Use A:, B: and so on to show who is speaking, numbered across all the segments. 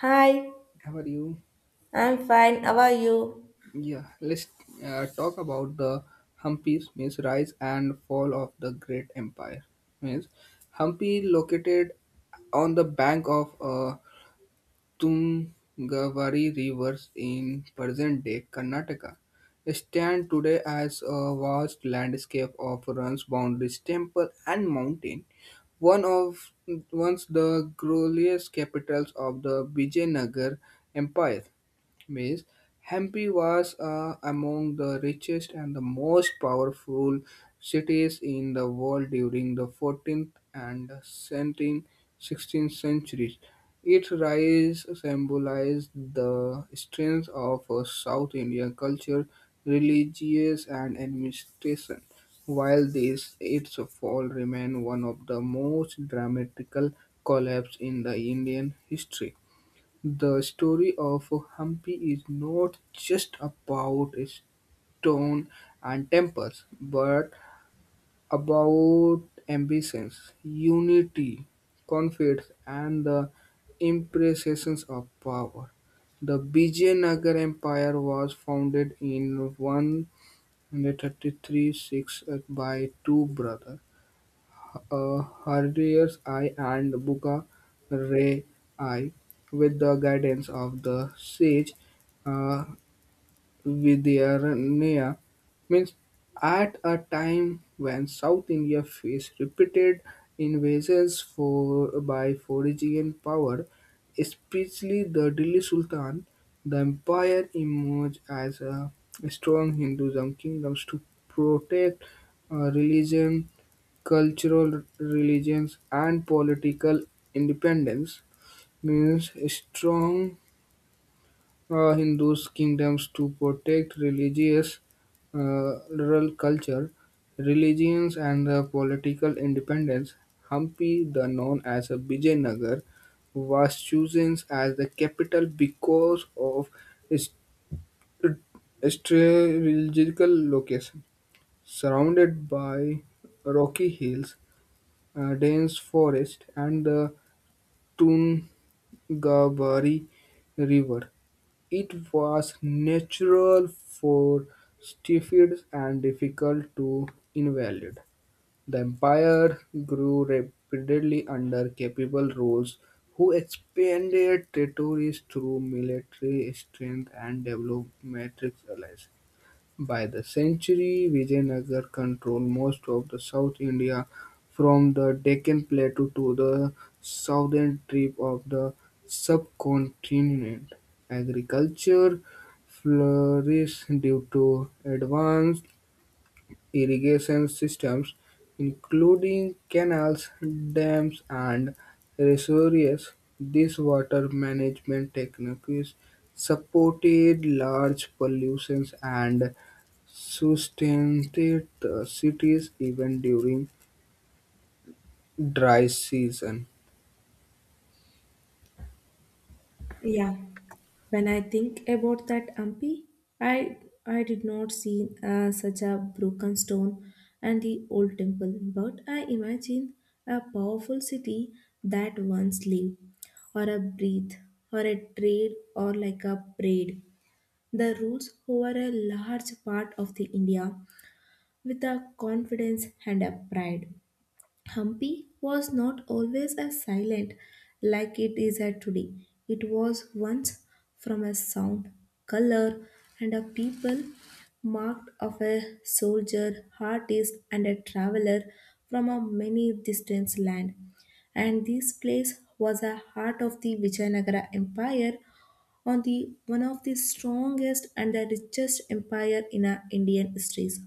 A: Hi,
B: How are you?
A: I'm fine. How are you?
B: Yeah, let's talk about the Hampi's means rise and fall of the great empire. Means Hampi located on the bank of Tungavari rivers in present-day Karnataka. Stand today as a vast landscape of runs, boundaries, temple, and mountain. One of Once the glorious capitals of the Vijayanagar Empire. Means Hampi was among the richest and the most powerful cities in the world during the 14th and 17th, 16th centuries. Its rise symbolized the strength of South Indian culture, religious and administration, while this its fall remained one of the most dramatical collapse in the Indian history. The story of Hampi is not just about stone and temples, but about ambitions, unity, conflicts, and the impressions of power. The Vijayanagar Empire was founded in 1336 by two brothers Harriers I and Buka Ray I, with the guidance of the sage uh, Vidyaranya means at a time when South India faced repeated invasions for, by foreign power, especially the Delhi Sultan, the empire emerged as a strong Hinduism kingdom to protect religion, cultural religions, and political independence. Means strong Hindus' kingdoms to protect religious rural culture, religions, and the political independence. Hampi, the known as a Vijayanagar, was chosen as the capital because of its strategical location, surrounded by rocky hills, dense forest, and the Tungabari River. It was natural for Stiffids and difficult to invalidate. The empire grew rapidly under capable rulers who expanded territories through military strength and developed matrix allies. By the century, Vijayanagar controlled most of the South India from the Deccan Plateau to the southern tip of the subcontinent. Agriculture flourished due to advanced irrigation systems, including canals, dams, and reservoirs. These water management techniques supported large pollutions and sustained the cities even during dry season.
A: Yeah, when I think about that Ampi, I I did not see such a broken stone and the old temple, but I imagine a powerful city that once lived, or a breath, or a trade, or like a parade. The roots over a large part of the India with a confidence and a pride. Hampi was not always as silent like it is at today. It was once from a sound, color, and a people marked of a soldier, artist, and a traveler from a many distant land. And this place was a heart of the Vijayanagara Empire on the one of the strongest and the richest empire in our Indian histories.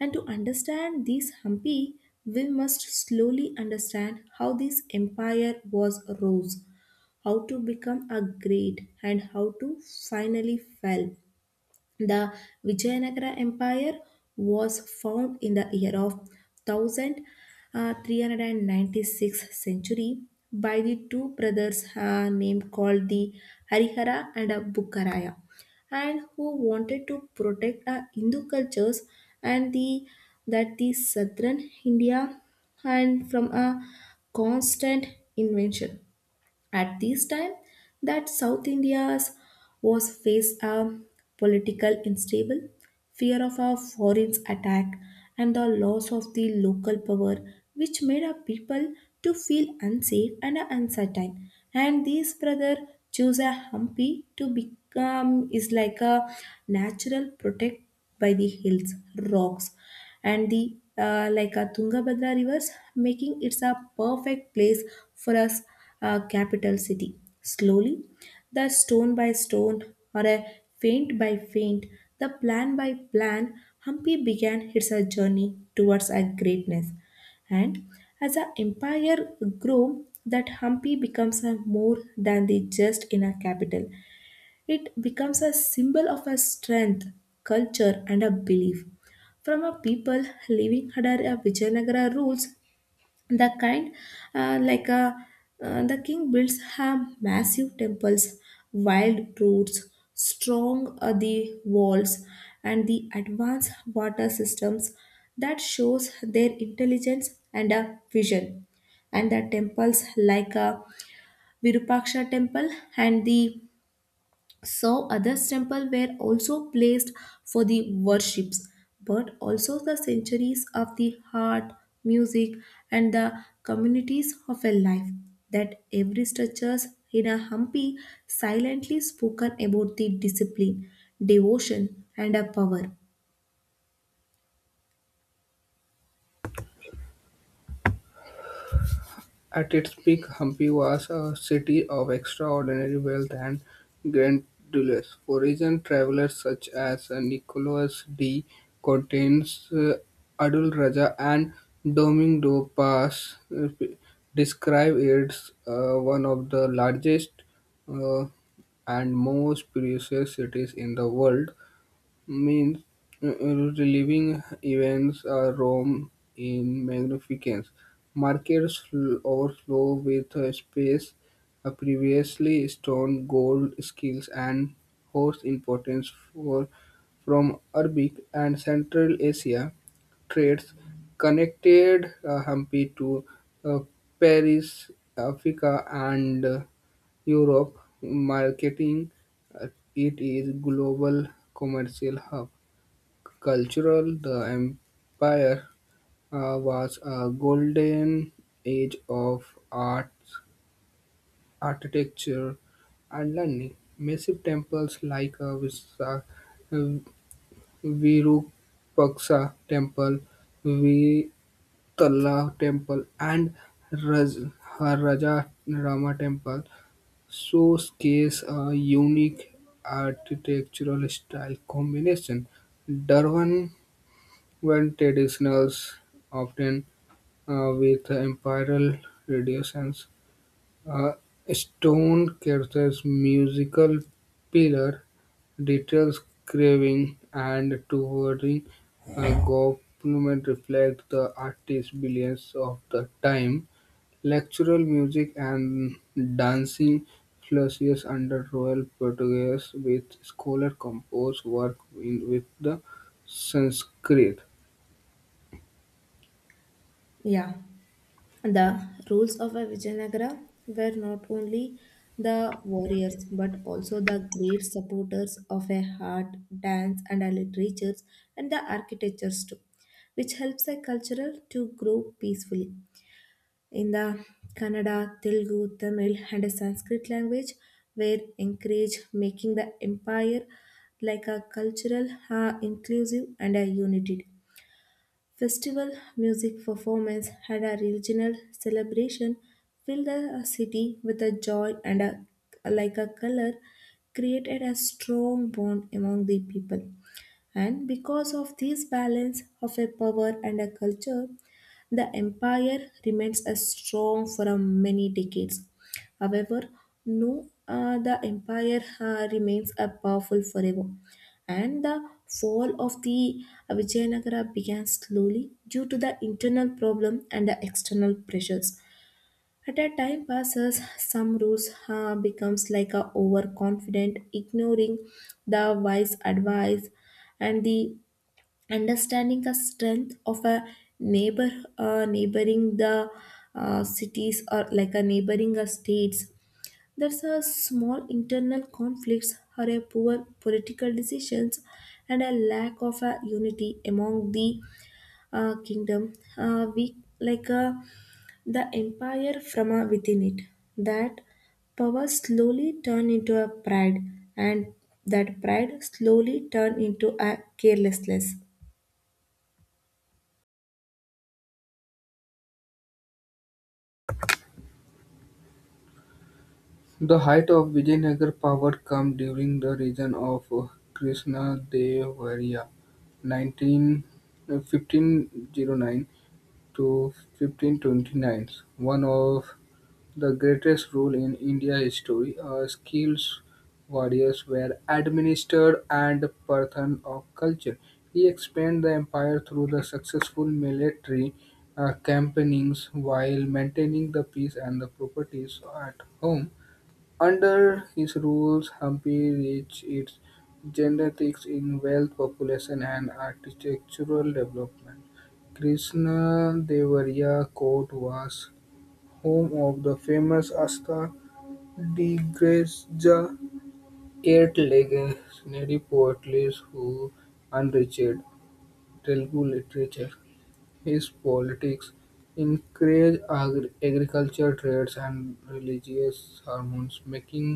A: And to understand these Hampi, we must slowly understand how this empire was rose, how to become a great, and how to finally fell. The Vijayanagara Empire was found in the year of 1396 century by the two brothers named called the Harihara and Bukkaraya and who wanted to protect Hindu cultures and the that the southern India and from a constant invention. At this time, that South India's was faced a political unstable, fear of a foreign attack, and the loss of the local power, which made our people to feel unsafe and uncertain. And these brother choose a humpy to become is like a natural protect by the hills, rocks, and the like a Tungabhadra rivers, making it a perfect place for us a capital city. Slowly, the stone by stone, or a feint by feint, the plan by plan, Hampi began its journey towards a greatness. And as the empire grew, that Hampi becomes a more than the just in a capital. It becomes a symbol of a strength, culture, and a belief. From a people living under a Vijayanagara rules the kind like a the king builds have massive temples, wild roads, strong the walls, and the advanced water systems that shows their intelligence and a vision, and the temples like a Virupaksha temple and the so others temples were also placed for the worships, but also the centuries of the heart, music, and the communities of a life, that every structures in a Hampi silently spoken about the discipline, devotion, and a power.
B: At its peak, Hampi was a city of extraordinary wealth and grandeur. Foreign travelers such as Nicholas de Contins, Adul Raja, and Domingo Paz describe it as one of the largest uh, and most precious cities in the world. Means reliving events Rome in magnificence. Markets overflow with space, previously stone, gold, skills, and horse importance for from Arabic and Central Asia trades connected Hampi to uh, Paris, Africa, and Europe, marketing uh, it is global commercial hub. Cultural, the empire was a golden age of arts, architecture, and learning. Massive temples like Visa, uh, Virupaksa temple, Vitala temple, and Raj, Raja Rama temple showcase a unique architectural style combination. Durban went traditionals, often with imperial radiations, uh, stone characters, musical pillar, details carving and towering government reflect the artist's brilliance of the time. Lectural music and dancing flourished under Royal Portuguese, with scholar-composed works in with the Sanskrit.
A: Yeah. The rules of a Vijayanagara were not only the warriors but also the great supporters of a art, dance, and a literature, and the architectures too, which helps a culture to grow peacefully. In the Kannada, Telugu, Tamil, and Sanskrit language were encouraged, making the empire like a cultural, inclusive, and a united. Festival music performance had a regional celebration, filled the city with a joy and a like a color, created a strong bond among the people. And because of this balance of a power and a culture, the empire remains as strong for many decades. However, no, the empire remains a powerful forever. And the fall of the Vijayanagara began slowly due to the internal problem and the external pressures. At a time passes, some rules becomes like a overconfident, ignoring the wise advice and the understanding the strength of a neighbor, neighboring the cities or like a neighboring states, there's a small internal conflicts or a poor political decisions and a lack of a unity among the kingdom. We like the empire from within it. That power slowly turned into a pride, and that pride slowly turned into a carelessness.
B: The height of Vijayanagara power came during the reign of Krishnadevarya (19 1915 zero nine to 1529), one of the greatest rule in India history, skills warriors were administered and Pathan of culture. He expanded the empire through the successful military campaigns while maintaining the peace and the properties at home. Under his rules, Hampi reached its genetics in wealth, population, and architectural development. Krishna Devarya court was home of the famous Asta Digreja eight legendary poets who enriched Telugu literature. His politics encouraged agriculture, trades and religious harmonies, making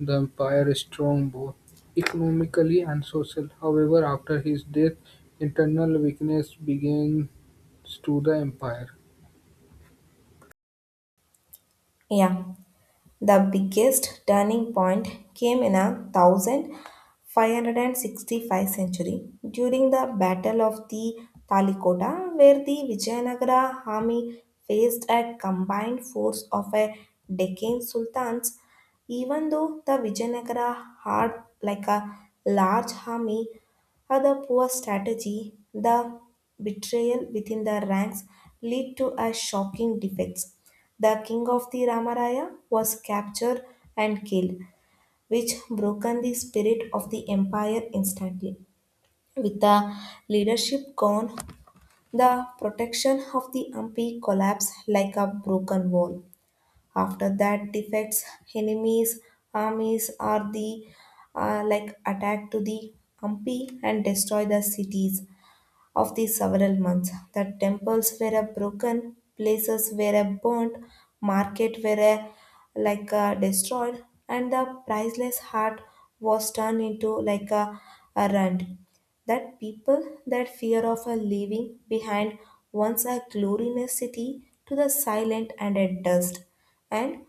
B: the empire strong both economically and socially. However, after his death, internal weakness began to the empire.
A: Yeah, the biggest turning point came in a 1000 565 century during the Battle of the Talikota, where the Vijayanagara army faced a combined force of a Deccan sultans. Even though the Vijayanagara had like a large army, other poor strategy, the betrayal within the ranks lead to a shocking defeat. The king of the Ramaraya was captured and killed, which broken the spirit of the empire instantly. With the leadership gone, the protection of the Ampi collapsed like a broken wall. After that, defects, enemies, armies are the like attack to the Ampi and destroy the cities of the several months. The temples were a broken, places were a burnt, market were a, like a destroyed, and the priceless heart was turned into like a rent. That people, that fear of a leaving behind once a glorious city to the silent and a dust. And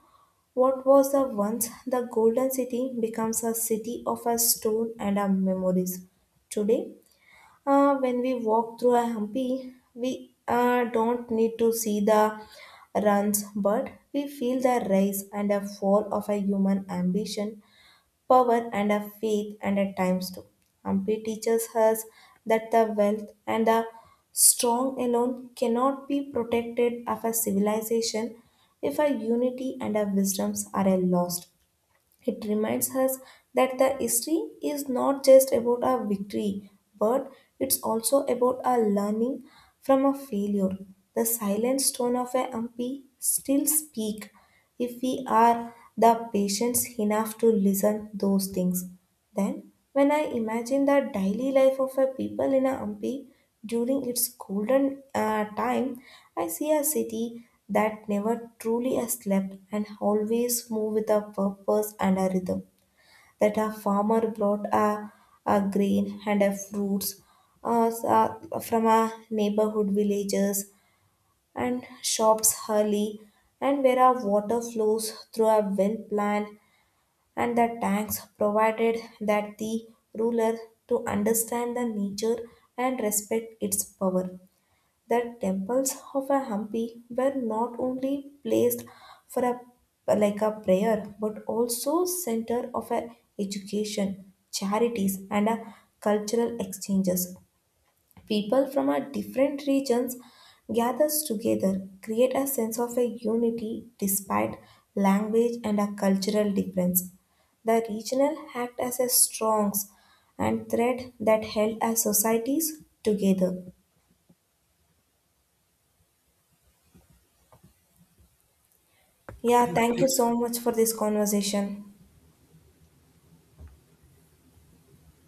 A: what was the once the golden city becomes a city of a stone and a memories. Today, when we walk through a Hampi, we don't need to see the runs, but we feel the rise and a fall of a human ambition, power, and a faith, and at times too. Hampi teaches us that the wealth and the strong alone cannot be protected of a civilization if a unity and a wisdoms are a lost. It reminds us that the history is not just about our victory, but it's also about our learning from a failure. The silent stone of a Hampi still speak if we are the patience enough to listen those things. Then, when I imagine the daily life of a people in a Hampi during its golden time, I see a city that never truly has slept and always move with a purpose and a rhythm. That a farmer brought a grain and a fruits from a neighborhood villages and shops early, and where our water flows through a well plant and the tanks provided that the ruler to understand the nature and respect its power. The temples of a Hampi were not only placed for a like a prayer but also center of a education, charities, and a cultural exchanges. People from our different regions gathers together, create a sense of a unity despite language and a cultural difference. The regional act as a strongs and thread that held our societies together. Yeah,
B: Thank
A: thank
B: you.
A: you so much for this conversation.